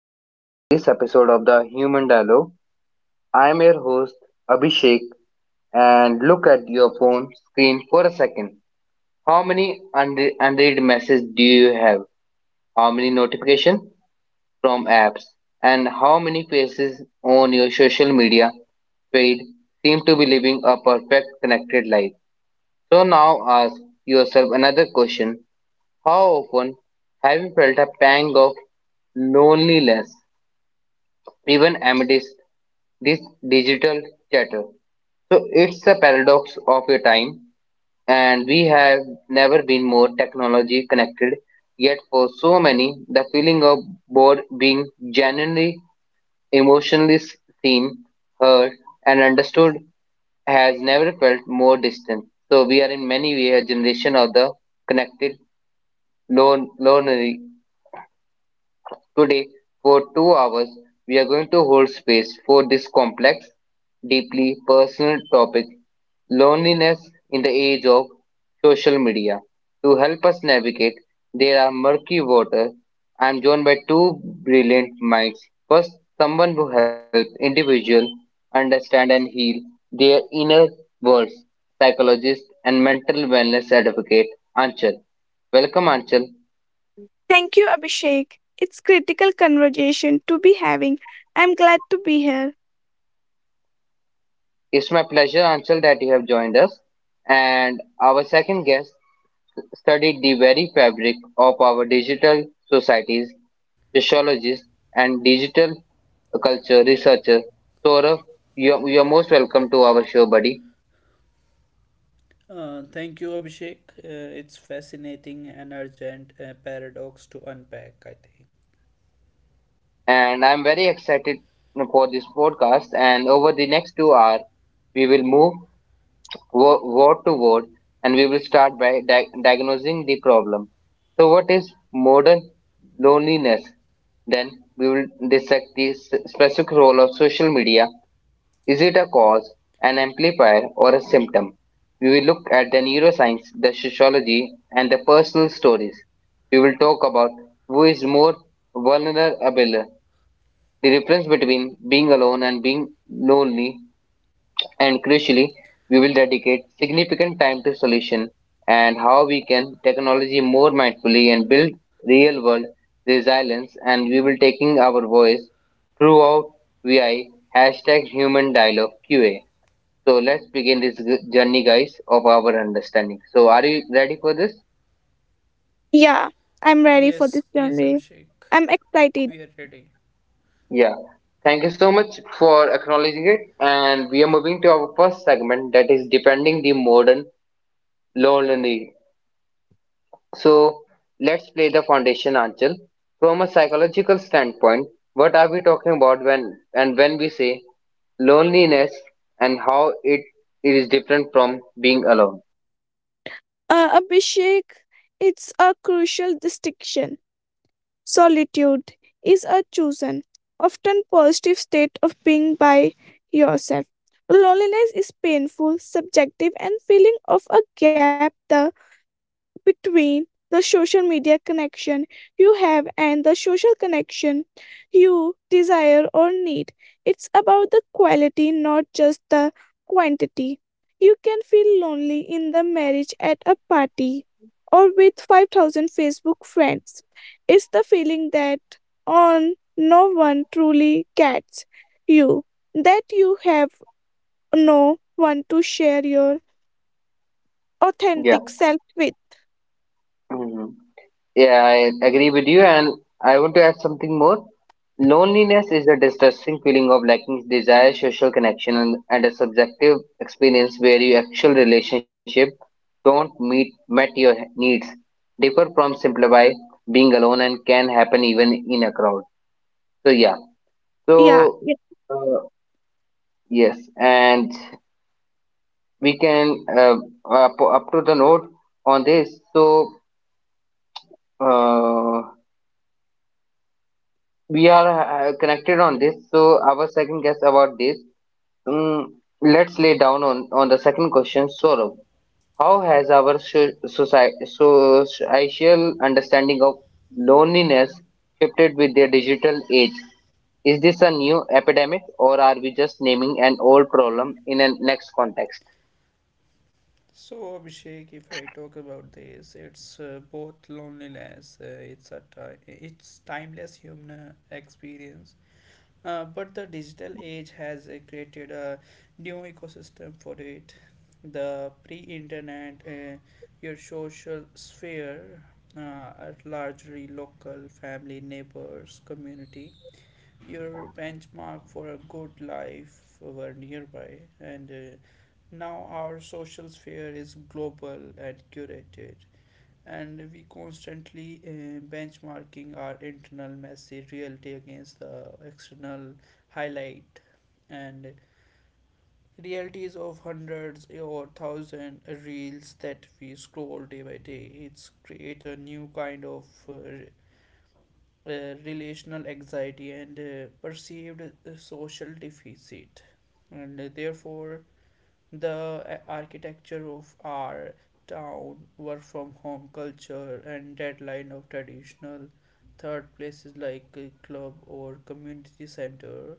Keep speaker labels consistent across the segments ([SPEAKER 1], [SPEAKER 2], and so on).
[SPEAKER 1] well, to this episode of the Human Dialogue. I am your host Abhishek, and look at your phone screen for a second. How many unread messages do you have? How many notifications from apps? And how many faces on your social media feed seem to be living a perfect connected life? So now ask yourself another question. How often have you felt a pang of loneliness, even amidst this digital chatter? So it's a paradox of your time, and we have never been more technology connected. Yet for so many, the feeling of bored being genuinely emotionally seen, heard, and understood has never felt more distant. So we are in many ways a generation of the connected lonely. Today, for 2 hours, we are going to hold space for this complex, deeply personal topic loneliness in the age of social media. To help us navigate, there are murky waters. I am joined by two brilliant minds. First, someone who helps individuals understand and heal their inner worlds, psychologist and mental wellness advocate, Anchal. Welcome, Anchal.
[SPEAKER 2] Thank you, Abhishek. It's critical conversation to be having. I'm glad to be here.
[SPEAKER 1] It's my pleasure, Anshul, that you have joined us. And our second guest studied the very fabric of our digital societies, sociologist and digital culture researcher. Saurav, you're most welcome to our show, buddy.
[SPEAKER 3] Thank you, Abhishek. It's fascinating and urgent paradox to unpack, I think.
[SPEAKER 1] And I'm very excited for this podcast. And over the next 2 hours, we will move word to word, and we will start by diagnosing the problem. So, what is modern loneliness? Then we will dissect the specific role of social media. Is it a cause, an amplifier, or a symptom? We will look at the neuroscience, the sociology, and the personal stories. We will talk about who is more vulnerable, the difference between being alone and being lonely, and crucially, we will dedicate significant time to solution and how we can technology more mindfully and build real world resilience and we will taking our voice throughout VI hashtag human dialogue Q&A. So let's begin this journey guys of our understanding. So are you ready for this?
[SPEAKER 2] Yeah, I'm ready for
[SPEAKER 3] Yes,
[SPEAKER 2] this
[SPEAKER 3] yes,
[SPEAKER 2] journey.
[SPEAKER 3] Abhishek.
[SPEAKER 2] I'm excited.
[SPEAKER 3] We are ready.
[SPEAKER 1] Yeah. Thank you so much for acknowledging it and we are moving to our first segment that is defending the modern loneliness. So let's play the foundation, Anchal. From a psychological standpoint, what are we talking about when we say loneliness and how it is different from being alone?
[SPEAKER 2] Abhishek, it's a crucial distinction. Solitude is a chosen, often positive state of being by yourself. Loneliness is painful, subjective, and feeling of a gap. The between the social media connection you have and the social connection you desire or need. It's about the quality, not just the quantity. You can feel lonely in the marriage at a party or with 5,000 Facebook friends. It's the feeling that on no one truly gets you, that you have no one to share your
[SPEAKER 1] Yeah.
[SPEAKER 2] authentic self with.
[SPEAKER 1] Mhm. Yeah, I agree with you, and I want to add something more. Loneliness is a distressing feeling of lacking desire, social connection, and a subjective experience where your actual relationship don't meet met your needs, differ from simplify being alone, and can happen even in a crowd. So yeah,
[SPEAKER 2] Yeah.
[SPEAKER 1] so
[SPEAKER 2] yeah.
[SPEAKER 1] uh, yes, and we can up to the note on this. So. Uh, we are connected on this so our second guess about this um, let's lay down on the second question sorrow, how has our society social understanding of loneliness shifted with the digital age? Is this a new epidemic or are we just naming an old problem in a next context?
[SPEAKER 3] So, Abhishek, if I talk about this, it's both loneliness, it's a ti- it's timeless human experience. But the digital age has created a new ecosystem for it. The pre-internet, your social sphere uh, are largely local, family, neighbors, community. Your benchmark for a good life were nearby, and now our social sphere is global and curated, and we constantly benchmarking our internal messy reality against the external highlight and realities of hundreds or thousand reels that we scroll day by day. It's create a new kind of relational anxiety and perceived social deficit, and therefore the architecture of our town, work from home culture, and deadline of traditional third places like a club or community center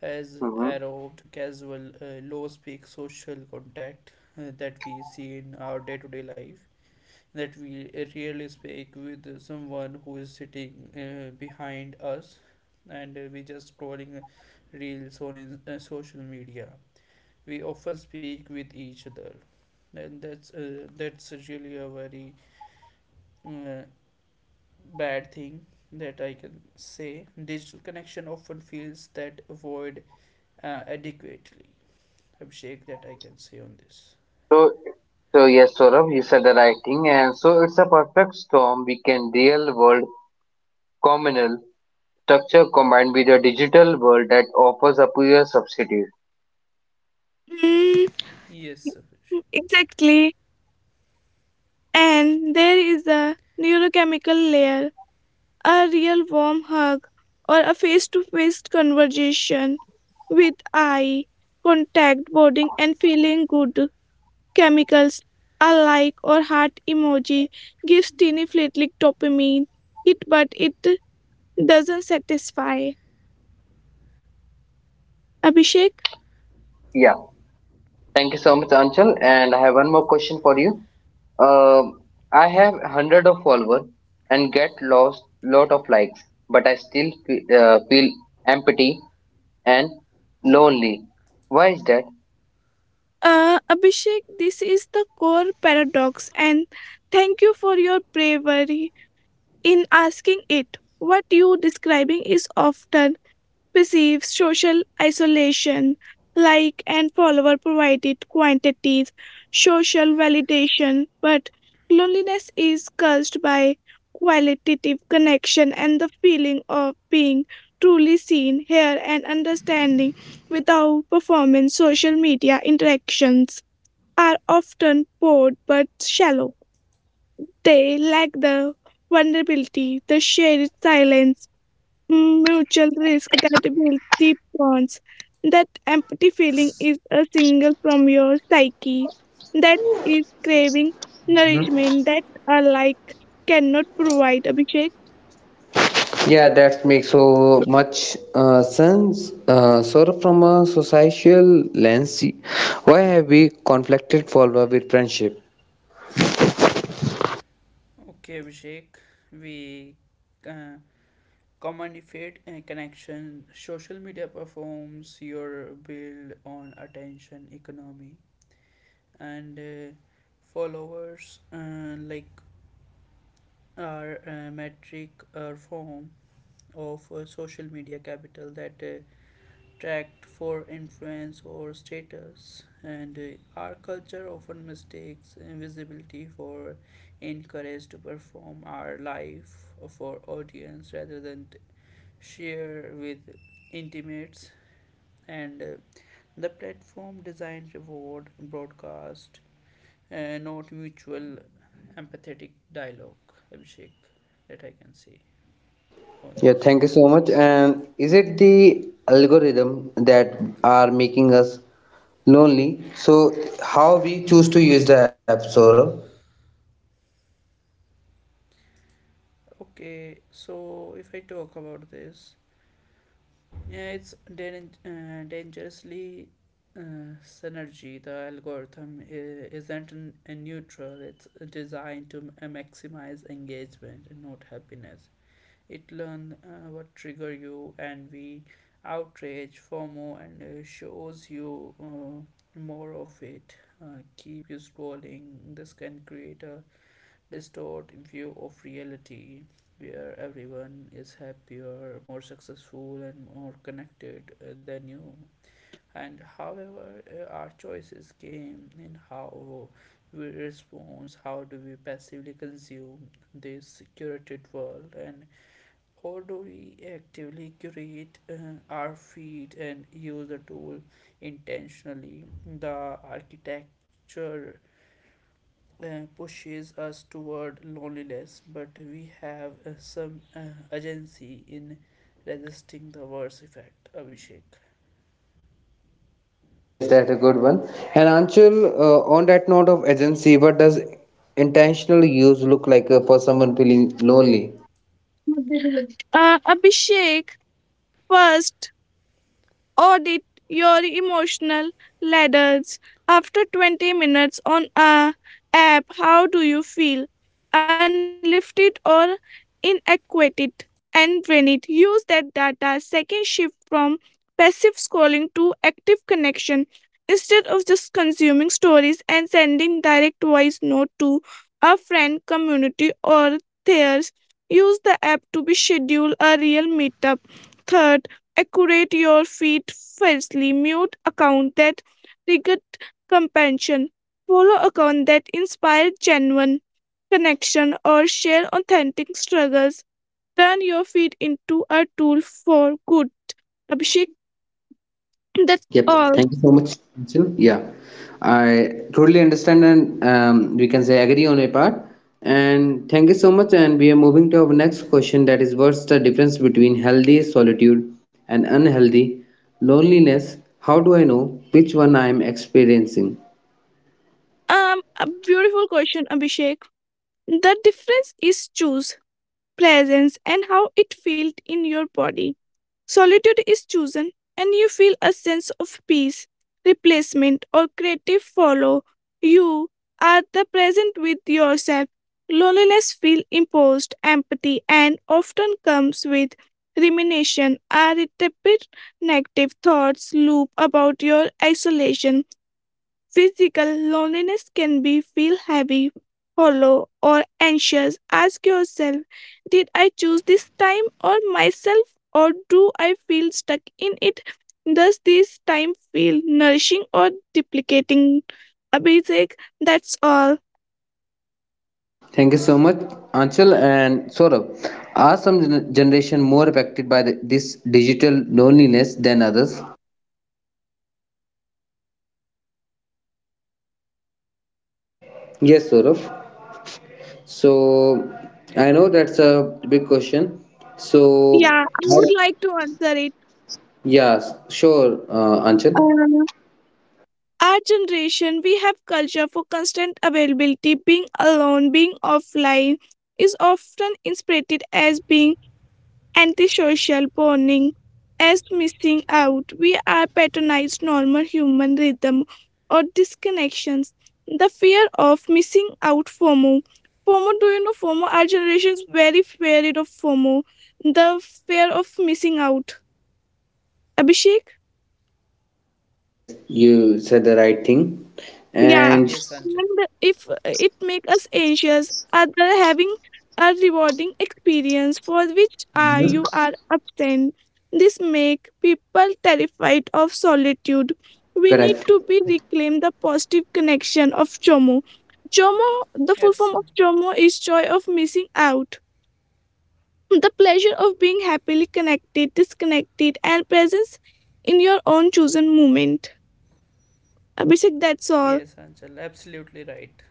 [SPEAKER 3] has
[SPEAKER 1] Mhm.
[SPEAKER 3] eroded casual, low speak social contact that we see in our day to day life. That we rarely speak with someone who is sitting behind us, and we just scrolling reels on in, social media. We often speak with each other then. That's really a very uh, bad thing that I can say. Digital connection often feels that void adequately. Abhishek, that I can say on this.
[SPEAKER 1] so so yes, Saurabh, you said the right thing, and so it's a perfect storm. We can real world communal structure combined with a digital world that offers a pure substitute.
[SPEAKER 2] Mm.
[SPEAKER 3] Yes.
[SPEAKER 2] Exactly. And there is a neurochemical layer, a real warm hug, or a face to face conversation with eye contact, boarding, and feeling good. Chemicals, a like or heart emoji, gives teeny flatlick dopamine. It but it doesn't satisfy. Abhishek?
[SPEAKER 1] Yeah, thank you so much, Anchal. And I have one more question for you. Um I have hundred of followers and get lost lot of likes, but I still feel empty and lonely. Why is that?
[SPEAKER 2] Abhishek, this is the core paradox, and thank you for your bravery. In asking it. What you describing is often perceived social isolation, like and follower provided quantities, social validation, but loneliness is caused by qualitative connection and the feeling of being truly seen, heard, and understanding without performance. Social media interactions are often bored but shallow. They lack the vulnerability, the shared silence, mutual risk that build deep bonds. That empty feeling is a single from your psyche that is craving nourishment that alike cannot provide, Abhishek.
[SPEAKER 1] Yeah, that makes so much sense. So, from a societal lens, why have we conflicted follower with friendship?
[SPEAKER 3] Okay, Abhishek. We uh, commodified connection. Social media performs your build on attention economy, and followers like our metric or form of social media capital that tracked for influence or status. And our culture often mistakes invisibility for encouraged to perform our life for audience rather than share with intimates, and the platform designed reward broadcast and not mutual empathetic dialogue, Abhishek. That I can say on
[SPEAKER 1] Yeah,
[SPEAKER 3] this.
[SPEAKER 1] thank you so much. And is it the algorithm that are making us lonely? So how we choose to use the app, Saurabh?
[SPEAKER 3] Okay, so if I talk about this, yeah, it's dangerously synergy. The algorithm isn't a neutral. It's designed to maximize engagement and not happiness. It learns what trigger you, envy, outrage, FOMO, and shows you more of it. Keep you scrolling. This can create a distorted view of reality where everyone is happier, more successful, and more connected than you. And however, our choices came in how we respond, how do we passively consume this curated world, and how do we actively curate our feed and use the tool intentionally. The architecture pushes us toward loneliness, but we have some agency in resisting the worst effect. Abhishek.
[SPEAKER 1] Yes, that's a good one. And Anshul, on that note of agency, what does intentional use look like for someone feeling lonely?
[SPEAKER 2] Abhishek, first audit your emotional ladders after 20 minutes on a app. How do you feel? Unlifted or inadequate? And when it use that data, second shift from passive scrolling to active connection. Instead of just consuming stories and sending direct voice note to a friend, community, or theirs, use the app to be schedule a real meetup. Third, accurate your feet fiercely mute account that triggered compassion follow account that inspire genuine connection or share authentic struggles turn your feet into a tool for good. Abhishek, that's
[SPEAKER 1] Yep. Thank
[SPEAKER 2] all.
[SPEAKER 1] you so much, Nitin. Yeah, I totally understand and we can say agree on a part. And thank you so much. And we are moving to our next question that is what's the difference between healthy solitude and unhealthy loneliness? How do I know which one I am experiencing?
[SPEAKER 2] A beautiful question, Abhishek. The difference is choose presence and how it felt in your body. Solitude is chosen, and you feel a sense of peace, replacement, or creative follow. You are the present with yourself. Loneliness feels imposed, empathy, and often comes with rumination, a repeated negative thoughts loop about your isolation. Physical loneliness can be feel heavy, hollow, or anxious. Ask yourself, did I choose this time or myself or do I feel stuck in it? Does this time feel nourishing or duplicating? Abhishek, that's all.
[SPEAKER 1] Thank you so much, Anchal and Saurabh. Are some generation more affected by this digital loneliness than others? Yes, Saurabh. So I know that's a big question. So
[SPEAKER 2] Yeah, I would like to answer it.
[SPEAKER 1] yes, sure, Anchal.
[SPEAKER 2] Uh, our generation, we have culture for constant availability. Being alone, being offline is often interpreted as being antisocial bonding as missing out. We are patronized normal human rhythm or disconnections. The fear of missing out, FOMO. FOMO, do you know FOMO? Our generation is very afraid of FOMO. The fear of missing out. Abhishek?
[SPEAKER 1] Yes, you said the right thing,
[SPEAKER 2] Yeah,
[SPEAKER 1] and
[SPEAKER 3] Yes, Anjal.
[SPEAKER 2] and if it make us anxious, other having a rewarding experience for which
[SPEAKER 1] mhm,
[SPEAKER 2] you are absent. This make people terrified of solitude. We need
[SPEAKER 1] correct.
[SPEAKER 2] to be reclaim the positive connection of Chomo. Chomo, the full form of
[SPEAKER 3] Absolutely.
[SPEAKER 2] Chomo is joy of missing out. The pleasure of being happily connected, disconnected, and presence in your own chosen moment. Abhishek, that's all.
[SPEAKER 3] Yes, Anjal. Absolutely right.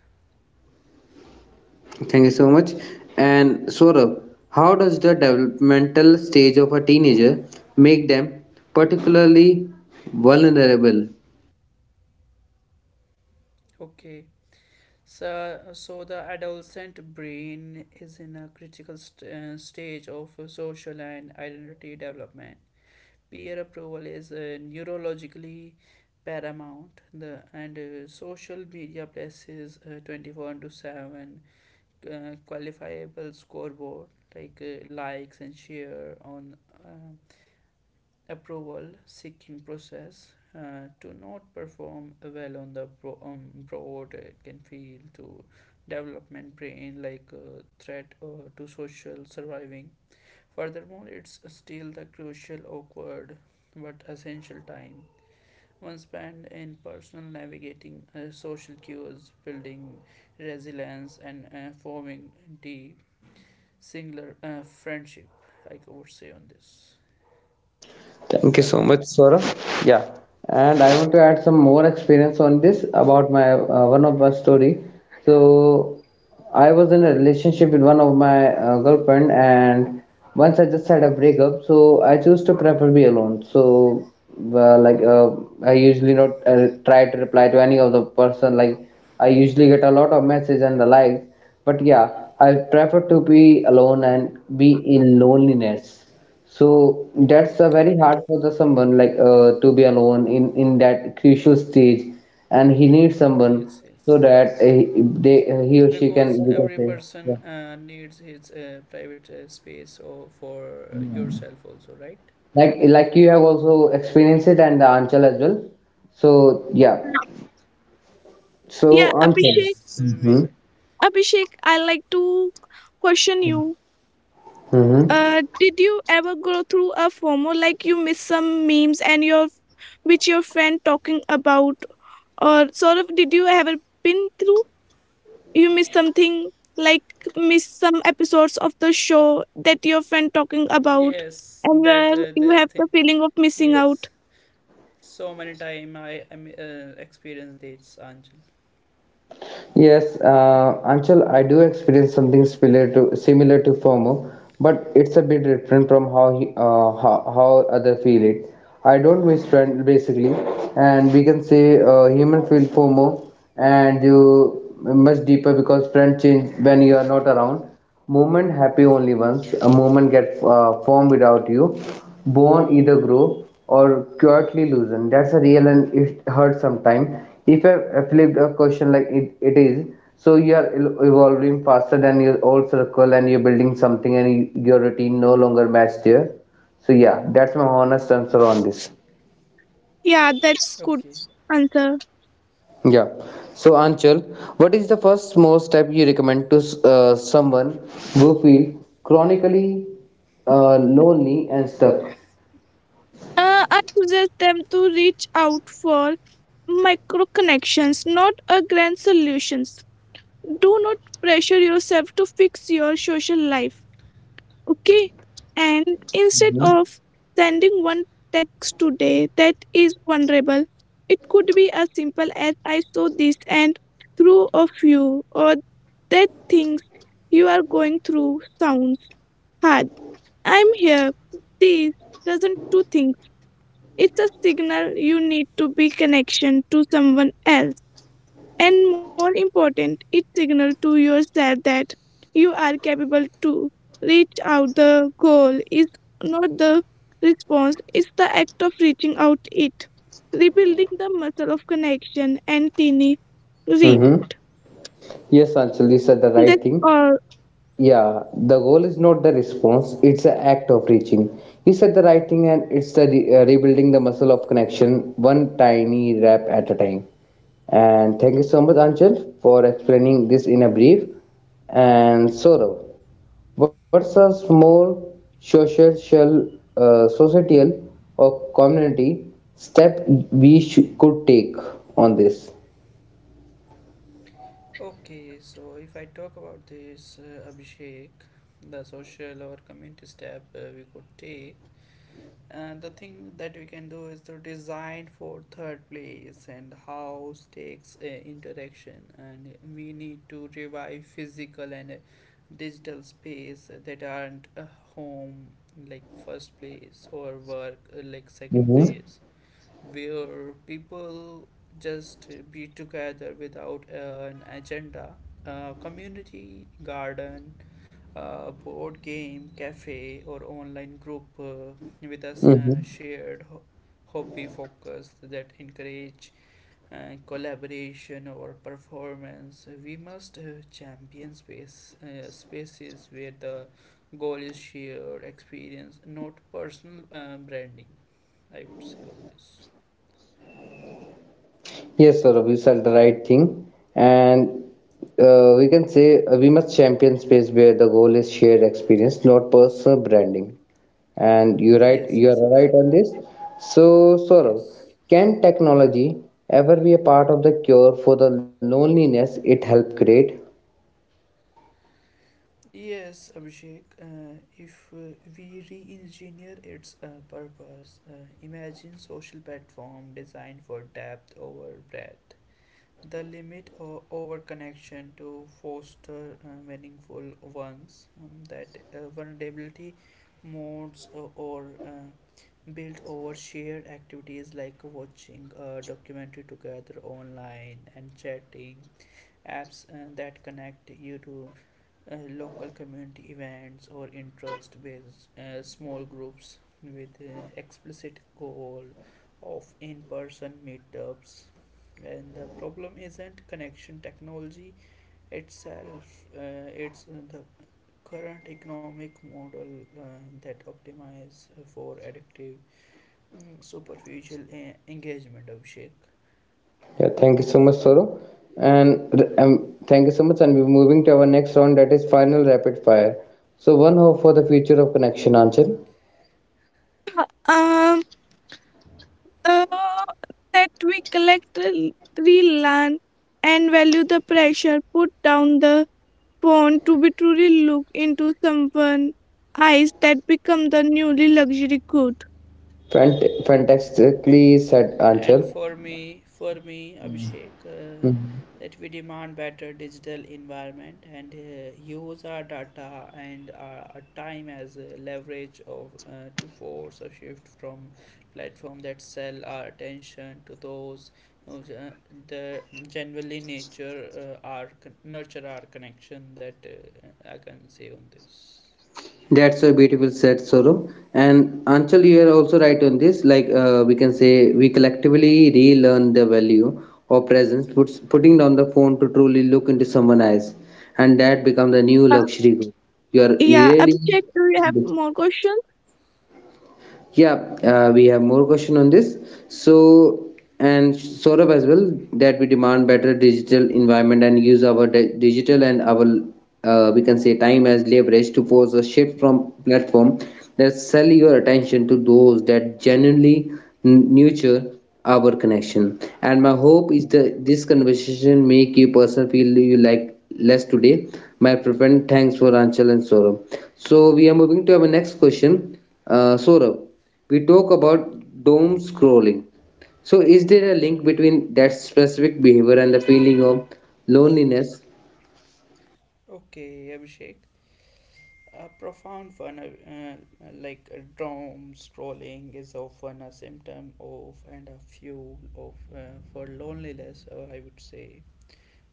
[SPEAKER 1] Thank you so much. And Saurabh, how does the developmental stage of a teenager make them particularly vulnerable?
[SPEAKER 3] Okay. So the adolescent brain is in a critical stage of social and identity development. Peer approval is neurologically paramount. The and social media places twenty four into seven qualifiable scoreboard like likes and share on uh, approval seeking process to not perform well on the broad can feel to development brain like threat to social surviving. Furthermore, it's still the crucial awkward but essential time one spent in personal navigating social cues, building resilience and forming deep singular friendship. I would say on this,
[SPEAKER 1] Thank you so
[SPEAKER 3] Abhishek.
[SPEAKER 1] much, Saurabh. Yeah, and I want to add some more experience on this about my one of my story. So I was in a relationship with one of my girlfriend, and once I just had a breakup, so I choose to prefer be alone. So uh, like uh, I usually not try to reply to any of the person. Like I usually get a lot of message and the likes, but yeah, I prefer to be alone and be in loneliness. So that's very
[SPEAKER 3] Okay.
[SPEAKER 1] hard for the someone like to be alone in that crucial stage, and he needs someone
[SPEAKER 3] Yes,
[SPEAKER 1] so
[SPEAKER 3] yes,
[SPEAKER 1] that he- they he or she can
[SPEAKER 3] because
[SPEAKER 1] we can
[SPEAKER 3] every
[SPEAKER 1] say yeah.
[SPEAKER 3] person needs his private space or for yourself also, right?
[SPEAKER 1] Like you have also experienced it and the Anchal as well. So yeah.
[SPEAKER 2] Yeah,
[SPEAKER 1] So Anchal.
[SPEAKER 2] Abhishek.
[SPEAKER 3] Yes, we.
[SPEAKER 2] Abhishek, I like to question you.
[SPEAKER 1] Mm-hmm.
[SPEAKER 2] Did you ever go through a FOMO like you miss some memes and your which your friend talking about, or sort of did you ever been through you miss something like miss some episodes of the show that your friend talking about,
[SPEAKER 3] Yes,
[SPEAKER 2] and
[SPEAKER 3] that
[SPEAKER 2] where you
[SPEAKER 3] the
[SPEAKER 2] have
[SPEAKER 3] thing.
[SPEAKER 2] the feeling of missing
[SPEAKER 3] Yes,
[SPEAKER 2] out?
[SPEAKER 3] so many time I am experienced this, Angel.
[SPEAKER 1] Yes, Anchal, I do experience something similar to FOMO, but it's a bit different from how how other feel it. I don't miss friend basically, and we can say human feel FOMO, and you much deeper because friend change when you are not around. Movement happy only once. A movement get formed without you. Bone either grow or quietly loosen. That's a real and it hurts sometime. If I flipped a question like it is, so you are evolving faster than your old circle and you're building something and your routine no longer matched there. So yeah, that's my honest answer on this.
[SPEAKER 2] Yeah, that's good
[SPEAKER 3] Okay.
[SPEAKER 2] answer.
[SPEAKER 1] Yeah. So Anchal, what is the first small step you recommend to someone who feels chronically lonely and stuck?
[SPEAKER 2] I suggest them to reach out for micro connections, not a grand solutions. Do not pressure yourself to fix your social life, okay? And instead of sending one text today that is vulnerable, it could be as simple as I saw this and through of you or that things you are going through sounds hard. I'm here. This doesn't do things. It's a signal you need to be connection to someone else. And more important, it signal to yourself that you are capable to reach out the goal is not the response, it's the act of reaching out it. Rebuilding the muscle of connection and teeny reap.
[SPEAKER 1] Mm-hmm. Yes, Anchal, you said the right
[SPEAKER 2] That's
[SPEAKER 1] thing.
[SPEAKER 2] all.
[SPEAKER 1] Yeah, the goal is not the response; it's the act of reaching. You said the right thing, and it's the rebuilding the muscle of connection, one tiny rep at a time. And thank you so much, Anchal, for explaining this in a brief. And Saurav. Versus more social, societal or community step we could take on this.
[SPEAKER 3] Okay, so if I talk about this, Abhishek, the social or community step we could take. The thing that we can do is to design for third place and how takes interaction, and we need to revive physical and digital space that aren't home, like first place, or work like second
[SPEAKER 1] Mm-hmm.
[SPEAKER 3] place, where people just be together without an agenda, a community garden, a board game, cafe, or online group with a
[SPEAKER 1] Mm-hmm.
[SPEAKER 3] shared hobby focus that encourage collaboration or performance. We must champion spaces where the goal is shared experience, not personal branding. I would say on this.
[SPEAKER 1] Yes, sir, we said the right thing, and we can say we must champion space where the goal is shared experience, not personal branding. And
[SPEAKER 3] Yes,
[SPEAKER 1] you
[SPEAKER 3] yes,
[SPEAKER 1] are right
[SPEAKER 3] Abhishek.
[SPEAKER 1] on this. So, Saurav,
[SPEAKER 3] Yes.
[SPEAKER 1] can technology ever be a part of the cure for the loneliness it helped create?
[SPEAKER 3] Yes, Abhishek, if we re engineer its purpose, imagine social platform designed for depth over breadth, the limit over connection to foster meaningful ones, that vulnerability modes or built over shared activities like watching a documentary together online, and chatting apps that connect you to local community events or interest based small groups with explicit goal of in-person meetups. And the problem isn't connection technology itself. Uh, it's the current economic model that optimize for addictive mm, superficial engagement of shake.
[SPEAKER 1] Yeah, thank you so much, Soro. And thank you so much. And we're moving to our next round that is final rapid fire. So, one hope for the future of connection, Anchal.
[SPEAKER 2] Um uh, that we collectively learn and value the pressure, put down the phone to be truly look into someone's eyes that become the newly luxury good.
[SPEAKER 1] Fantastically said,
[SPEAKER 3] And
[SPEAKER 1] Anchal.
[SPEAKER 3] for me, Abhishek,
[SPEAKER 1] Mm-hmm.
[SPEAKER 3] that we demand better digital environment and use our data and our time as a leverage of to force a shift from platform that sell our attention to those who the generally nature our con- nurture our connection. That I can say on this.
[SPEAKER 1] That's so beautiful said, Soro. And Anchal, you are also right on this. Like we can say, we collectively relearn the value of presence, putting down the phone to truly look into someone's eyes, and that becomes the new
[SPEAKER 2] Uh,
[SPEAKER 1] luxury good. You are
[SPEAKER 2] yeah,
[SPEAKER 1] really
[SPEAKER 2] Abhishek, do you have more questions?
[SPEAKER 1] yeah, we have more question on this. So, and Saurabh as well, that we demand better digital environment and use our digital and we can say time as leverage to force a shift from platform that sell your attention to those that genuinely nurture our connection. And my hope is that this conversation make you person feel you like less today. My friend, thanks for Anchal and Saurabh. So we are moving to our next question. Saurabh we talk about doom scrolling. So, is there a link between that specific behavior and the feeling of loneliness?
[SPEAKER 3] Okay, Abhishek. A profound one, like doom scrolling, is often a symptom of and a fuel of for loneliness. I would say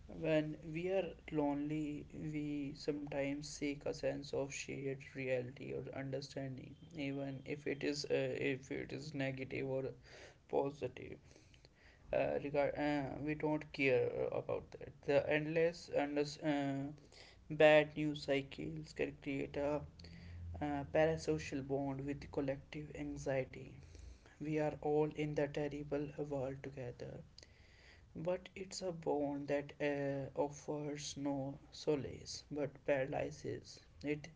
[SPEAKER 3] when we are lonely, we sometimes seek a sense of shared reality or understanding, even if it is negative or positive. Regard, we don't care about that. The endless bad news cycles can create a parasocial bond with collective anxiety. We are all in the terrible world together, but it's a bond that offers no solace but paralyzes. It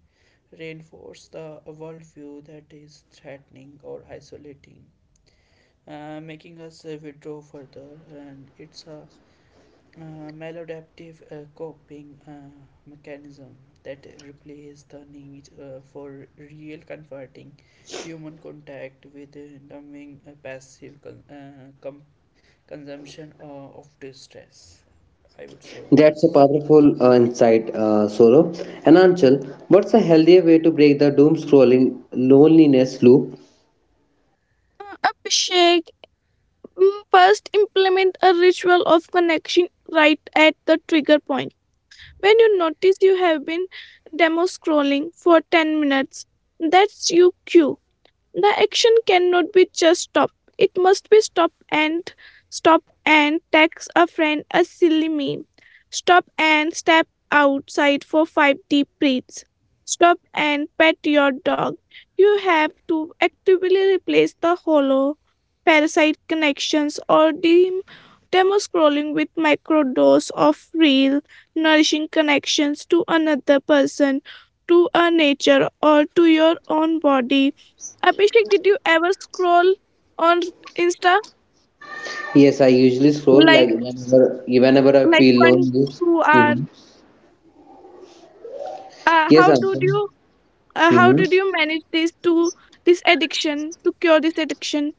[SPEAKER 3] reinforces the worldview that is threatening or isolating, making us withdraw further, and it's a maladaptive coping mechanism that replace the need for real comforting human contact with numbing passive consumption of distress. I would say on
[SPEAKER 1] That's a
[SPEAKER 3] this.
[SPEAKER 1] powerful insight, Solo. And Anchal, what's a healthier way to break the doom scrolling loneliness loop?
[SPEAKER 2] Abhishek, first implement a ritual of connection right at the trigger point. When you notice you have been demo scrolling for 10 minutes, that's your cue. The action cannot be just stop. It must be stop and stop and text a friend a silly meme. Stop and step outside for five deep breaths. Stop and pet your dog. You have to actively replace the hollow parasite connections or dim demo scrolling with microdose of real nourishing connections to another person, to a nature or to your own body. Abhishek, did you ever scroll on Insta
[SPEAKER 1] Yes, I usually scroll
[SPEAKER 2] like
[SPEAKER 1] like whenever I
[SPEAKER 2] like
[SPEAKER 1] feel
[SPEAKER 2] one
[SPEAKER 1] lonely.
[SPEAKER 2] two hour?
[SPEAKER 1] Hmm.
[SPEAKER 2] Uh,
[SPEAKER 1] Yes,
[SPEAKER 2] how did
[SPEAKER 1] Anchal.
[SPEAKER 2] you uh, how
[SPEAKER 1] Hmm.
[SPEAKER 2] did you manage this to this addiction to cure this addiction?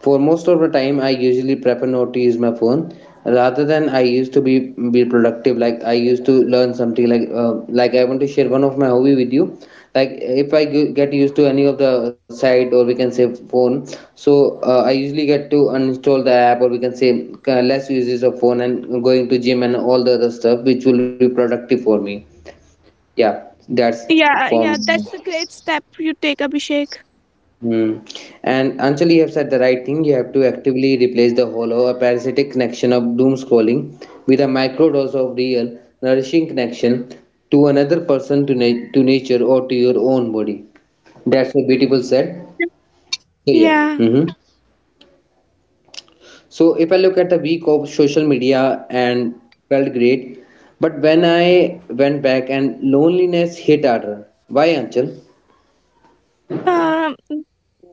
[SPEAKER 1] For most of the time, I usually prefer not to use my phone rather than I used to be productive. Like I used to learn something. Like I want to share one of my hobby with you. Like if I get used to any of the site or we can say phone, so I usually get to uninstall the app or we can say less uses of phone and going to gym and all the other stuff which will be productive for me. Yeah, that's
[SPEAKER 2] Yeah,
[SPEAKER 1] for me.
[SPEAKER 2] yeah, that's a great step you take, Abhishek.
[SPEAKER 1] Mm. And Anchal, you have said the right thing. You have to actively replace the hollow or parasitic connection of doom scrolling with a micro dose of real, nourishing connection to another person, to, to nature, or to your own body. That's a beautiful said. So, yeah.
[SPEAKER 2] Yeah.
[SPEAKER 1] So, if I look at the week of social media and felt great, but when I went back and loneliness hit harder. Why, Anchal?
[SPEAKER 2] Um,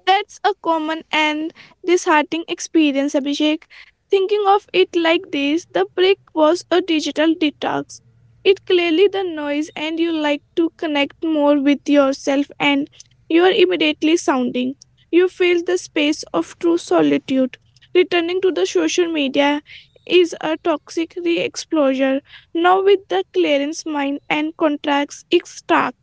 [SPEAKER 2] that's a common and disheartening experience, Abhishek. Thinking of it like this, the break was a digital detox. It clearly the noise, and you like to connect more with yourself, and you are immediately sounding. You feel the space of true solitude. Returning to the social media is a toxic re exposure. Now, with the clearance mind and contracts, it's stark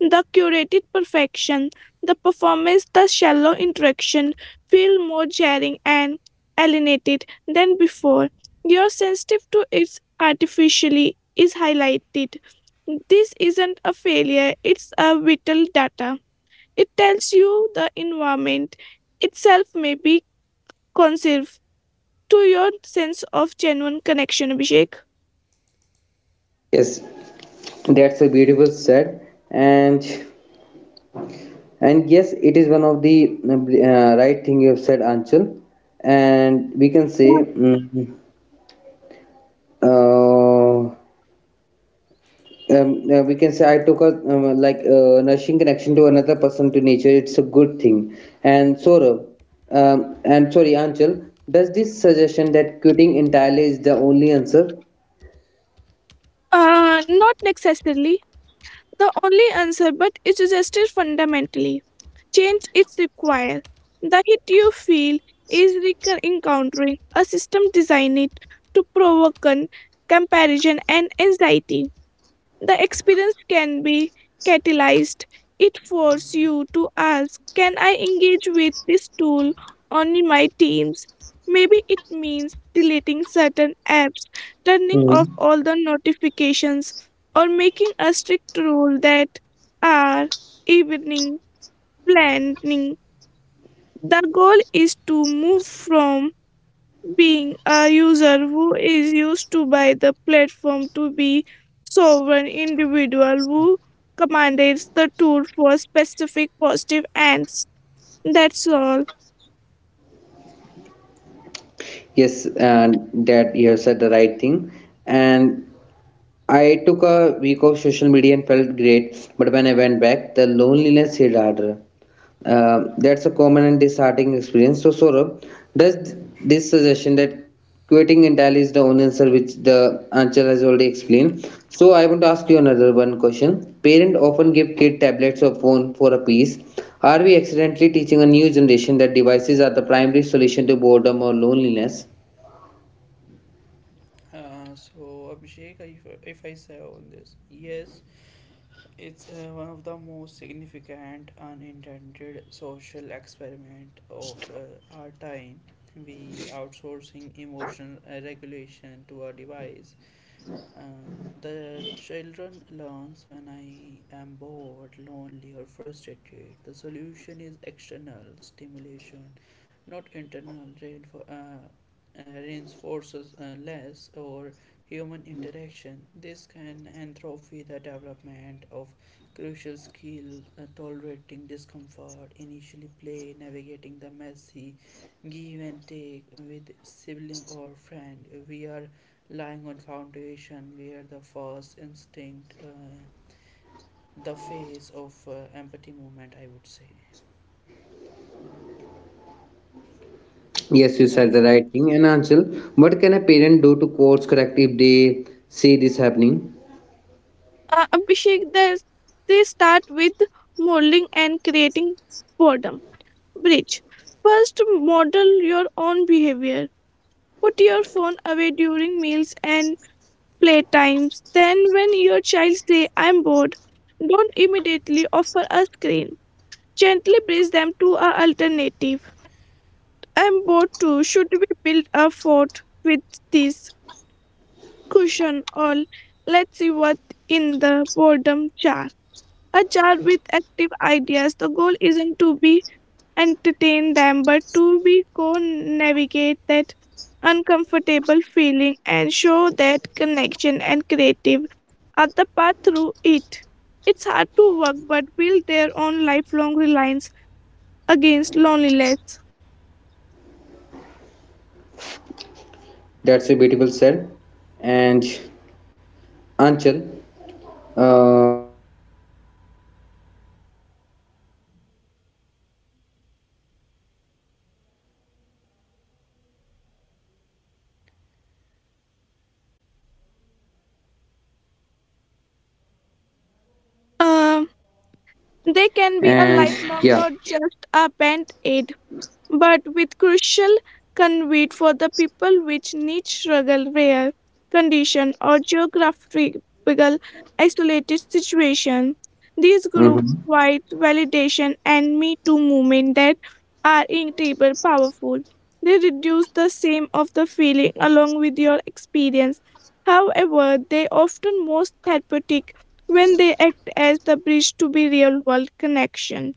[SPEAKER 2] the curated perfection the performance, the shallow interaction feel more jarring and alienated than before. Your sensitive to its artificially is highlighted. This isn't a failure, it's a vital data. It tells you the environment itself may be conserved to your sense of genuine connection, Abhishek.
[SPEAKER 1] Yes, that's a beautiful said. And yes, it is one of the right thing you have said, Anchal. And we can say, uh, we can say I took a nourishing connection to another person to nature. It's a good thing. And Saurabh, and sorry, Anchal, does this suggestion that quitting entirely is the only answer?
[SPEAKER 2] Not necessarily the only answer, but it suggested fundamentally. Change is required. The hit you feel is encountering a system designed to provoke comparison and anxiety. The experience can be catalyzed. It forces you to ask, can I engage with this tool on my teams? Maybe it means deleting certain apps, turning off
[SPEAKER 1] Mhm.
[SPEAKER 2] all the notifications, or making a strict rule that our evening planning the goal is to move from being a user who is used to by the platform to be sovereign individual who commands the tool for specific positive ends. That's all.
[SPEAKER 1] Yes, and that you have said the right thing. And I took a week of social media and felt great, but when I went back, the loneliness hit harder. That's a common and disheartening experience. So, Saurabh, does this suggestion that quitting entirely is the only answer, which the answer has already explained? So, I want to ask you another one question. Parents often give kid tablets or phone for a piece. Are we accidentally teaching a new generation that devices are the primary solution to boredom or loneliness?
[SPEAKER 3] So Abhishek, if I say on this, yes. It's one of the most significant unintended social experiment of our time. We outsourcing emotional regulation to a device. uh, the children learns when I am bored, lonely, or frustrated. The solution is external stimulation, not internal. Reinforces less or human interaction. This can entropy the development of crucial skill, tolerating discomfort, initially play, navigating the messy give and take with sibling or friend. We are lying on foundation where the first instinct the phase of empathy movement, I would say,
[SPEAKER 1] Yes, you said the
[SPEAKER 3] Abhishek.
[SPEAKER 1] right thing. And Anshul, what can a parent do to course correct if they see this happening?
[SPEAKER 2] Abhishek, that they start with modeling and creating boredom. Bridge. First, model your own behavior. Put your phone away during meals and playtimes. Then, when your child say, "I'm bored," don't immediately offer a screen. Gently bridge them to a alternative. I'm bored too. Should we build a fort with this cushion all? Let's see what in the boredom jar. A jar with active ideas. The goal isn't to be entertain them, but to be co navigate that uncomfortable feeling and show that connection and creative are the path through it. It's hard to work but build their own lifelong reliance against loneliness.
[SPEAKER 1] That's a beautiful said. And Anshul, uh, can online support group or mental health forums actually cure loneliness or are they just a band aid? Good day, Anshul.
[SPEAKER 2] Um, they can be a
[SPEAKER 1] And
[SPEAKER 2] lifelong,
[SPEAKER 1] yeah.
[SPEAKER 2] not just a band aid. But with crucial can wait for the people which need struggle rare condition or geographical isolated situation. These group
[SPEAKER 1] Hmm.
[SPEAKER 2] wide validation and Me Too movement that are incredibly powerful. They reduce the same of the feeling along with your experience. However, they often most therapeutic when they act as the bridge to be real world connection.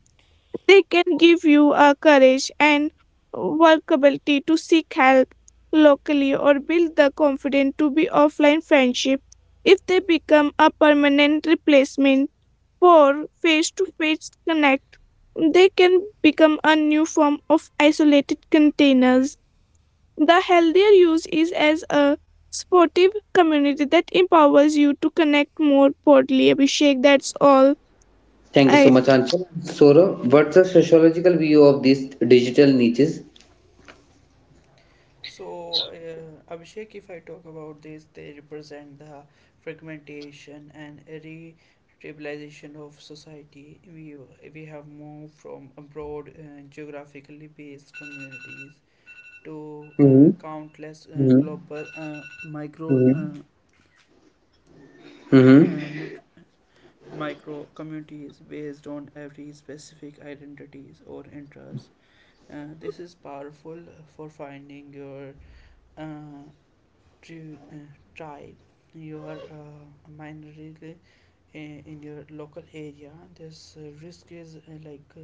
[SPEAKER 2] They can give you a courage and workability to seek help locally or build the confidence to be offline friendship. If they become a permanent replacement for face-to-face connect, they can become a new form of isolated containers. The healthier use is as a supportive community that empowers you to connect more broadly. Abhishek, that's all.
[SPEAKER 1] Thank you so
[SPEAKER 2] I
[SPEAKER 1] much, Anshul. Saurav, what's the sociological view of these digital niches?
[SPEAKER 3] So, Abhishek, if I talk about this, they represent the fragmentation and re-stabilization of society. We have moved from broad geographically based communities to
[SPEAKER 1] Hmm.
[SPEAKER 3] countless
[SPEAKER 1] Hmm.
[SPEAKER 3] global micro uh,
[SPEAKER 1] Hmm. Mm-hmm.
[SPEAKER 3] uh, micro communities based on every specific identities or interests. This is powerful for finding your uh, tri- uh, tribe, your minority in your local area. This risk is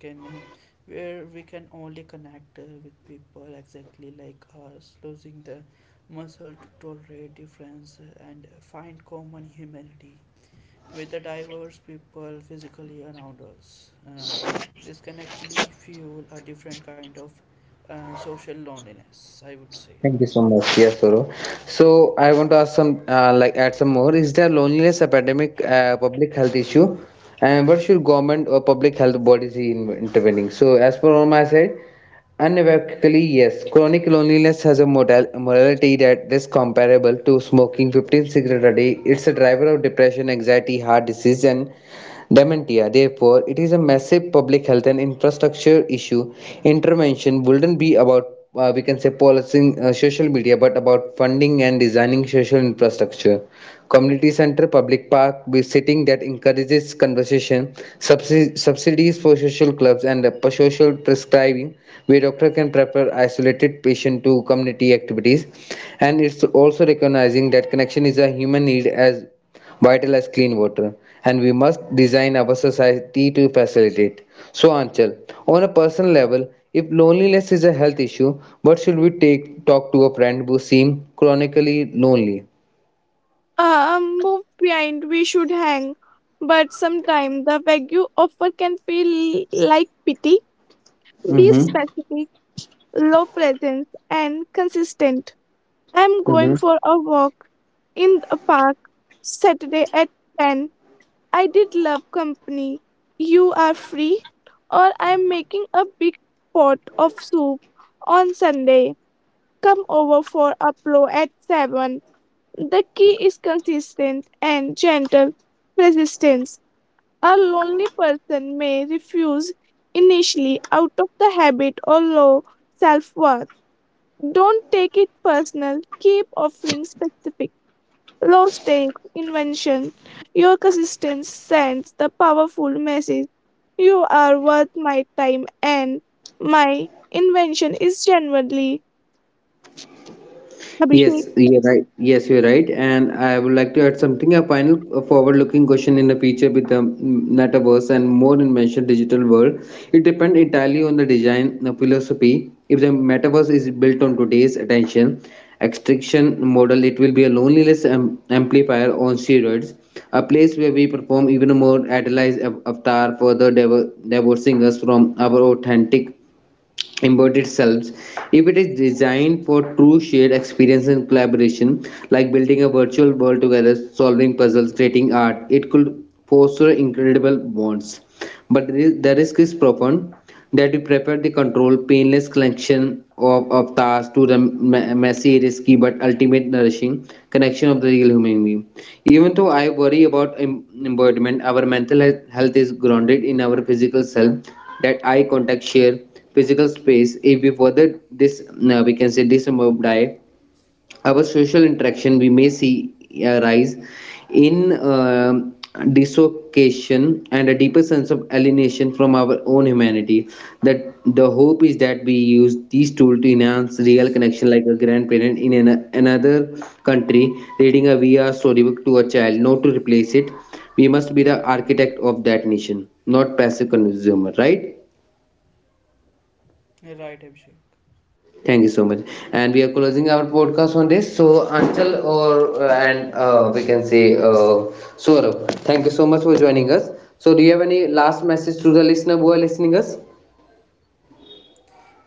[SPEAKER 3] can where we can only connect with people exactly like us, losing the muscle to tolerate difference and find common humanity with the diverse people physically around us. This can actually fuel a different kind of social loneliness, I would say.
[SPEAKER 1] Thank you so much. Yes, Soro. So I want to ask some, add some more. Is there loneliness epidemic, public health issue, and what should government or public health bodies in intervening? So as per on my side, unequivocally yes, chronic loneliness has a modal morality that is comparable to smoking 15 cigarettes a day. It's a driver of depression, anxiety, heart disease, and dementia. Therefore, it is a massive public health and infrastructure issue. Intervention wouldn't be about we can say policing social media, but about funding and designing social infrastructure. Community center, public park, be sitting that encourages conversation, subsidies for social clubs, and social prescribing, where doctor can prefer isolated patient to community activities. And it's also recognizing that connection is a human need as vital as clean water, and we must design our society to facilitate. So, Anchal, on a personal level, if loneliness is a health issue, what should we take talk to a friend who seems chronically lonely?
[SPEAKER 2] Move behind, we should hang. But sometimes the vague offer can feel like pity. Be
[SPEAKER 1] Mm-hmm.
[SPEAKER 2] specific, low presence, and consistent. I'm going
[SPEAKER 1] Mm-hmm.
[SPEAKER 2] for a walk in a park Saturday at 10. I did love company. You are free. Or I'm making a big pot of soup on Sunday. Come over for a blow at 7. The key is consistent and gentle persistence. A lonely person may refuse initially out of the habit or low self worth. Don't take it personal. Keep offering specific, low stakes invention. Your consistence sends the powerful message. You are worth my time and my invention is genuinely Abhishek.
[SPEAKER 1] Yes, you're right. Yes, you're right. And I would like to add something. A final forward-looking question in the future with the metaverse and more dimensional digital world. It depends entirely on the design philosophy. If the metaverse is built on today's attention extraction model, it will be a loneliness amplifier on steroids, a place where we perform even more idealized avatar, further divorcing us from our authentic about itself if it is designed for true shared experience and collaboration like building a virtual world together, solving puzzles, creating art, it could foster incredible bonds, but the risk is profound that we prefer the controlled painless collection of tasks to the messy, risky, but ultimate nourishing connection of the real human being. Even though I worry about embodiment, our mental health is grounded in our physical self, that eye contact, share physical space. If we further this, we can say disembodied, our social interaction we may see a rise in um dislocation and a deeper sense of alienation from our own humanity. That the hope is that we use these tools to enhance real connection, like a grandparent in another country reading a vr storybook to a child, not to replace it. We must be the architect of that nation, not passive consumer, right?
[SPEAKER 3] Right, Abhishek.
[SPEAKER 1] Thank you so much. And we are closing our podcast on this. So Anchal or and we can say Saurabh, thank you so much for joining us. So do you have any last message to the listener who are listening us?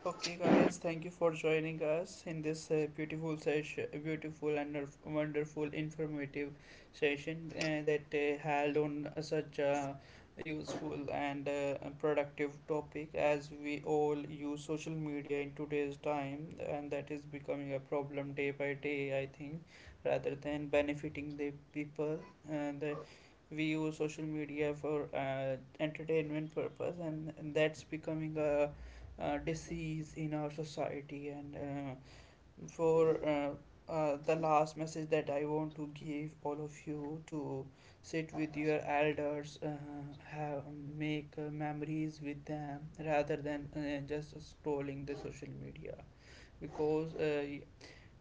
[SPEAKER 3] Okay, guys, thank you for joining us in this beautiful session, beautiful and wonderful informative session that held on such a useful and productive topic, as we all use social media in today's time, and that is becoming a problem day by day, I think, rather than benefiting the people. And we use social media for entertainment purpose, and that's becoming a, uh, disease in our society. And for the last message that I want to give all of you, to sit with your elders, have, make memories with them rather than just scrolling the social media, because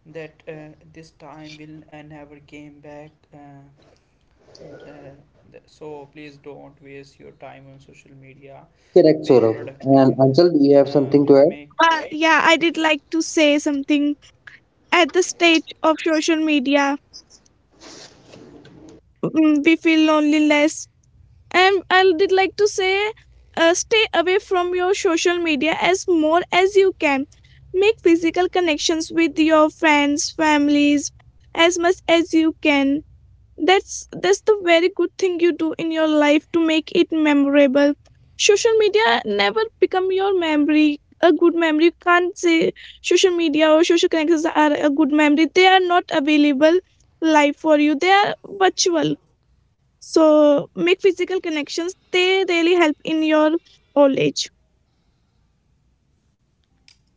[SPEAKER 3] that this time will never came back, and the, so please don't waste your time on social media.
[SPEAKER 1] Correct,
[SPEAKER 3] Be
[SPEAKER 1] Saurabh. And
[SPEAKER 3] productive.
[SPEAKER 1] Anchal, do you have
[SPEAKER 3] Uh,
[SPEAKER 1] something to add?
[SPEAKER 3] make
[SPEAKER 2] Yeah, I did like to say something at the stage of social media, we feel loneliness, and I did like to say, stay away from your social media as more as you can. Make physical connections with your friends families as much as you can. That's the very good thing you do in your life to make it memorable. Social media never become your memory, a good memory you can't say. Social media or social connections are a good memory they are not available live for you. They are virtual. So make physical connections, they really help in your old age.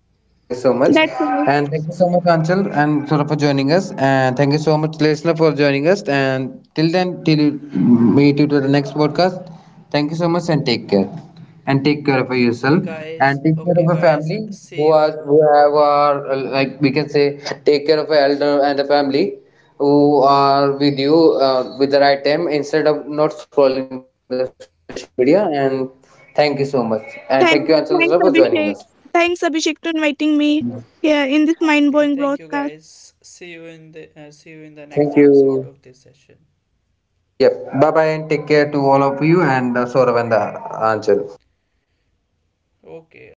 [SPEAKER 1] Yeah, thank you so much.
[SPEAKER 2] That's all.
[SPEAKER 1] And thank you so much, Anchal and Sora, for joining us. And thank you so much, listener, for joining us. And till then, till meet you to the next podcast. Thank you so much and take care. And take care of
[SPEAKER 3] okay,
[SPEAKER 1] yourself. And
[SPEAKER 3] guys.
[SPEAKER 1] take care of
[SPEAKER 3] Okay,
[SPEAKER 1] your
[SPEAKER 3] guys.
[SPEAKER 1] family
[SPEAKER 3] See
[SPEAKER 1] who are
[SPEAKER 3] you.
[SPEAKER 1] who have are like we can say, take care of your elder and the family who are with you with the right time instead of not scrolling the social media. And thank you so much. And thank you, Anchal and Sora, for
[SPEAKER 2] thanks
[SPEAKER 1] joining us.
[SPEAKER 2] thanks Abhishek. Thanks Abhishek to inviting me
[SPEAKER 1] Welcome.
[SPEAKER 2] here in this
[SPEAKER 3] Okay,
[SPEAKER 2] mind-blowing
[SPEAKER 3] thank you,
[SPEAKER 2] broadcast.
[SPEAKER 3] guys. See you in the next
[SPEAKER 1] Thank
[SPEAKER 3] episode
[SPEAKER 1] you.
[SPEAKER 3] of this session.
[SPEAKER 1] Yep. Bye bye and take care to all of you and Sourav and Anchal.
[SPEAKER 3] Okay,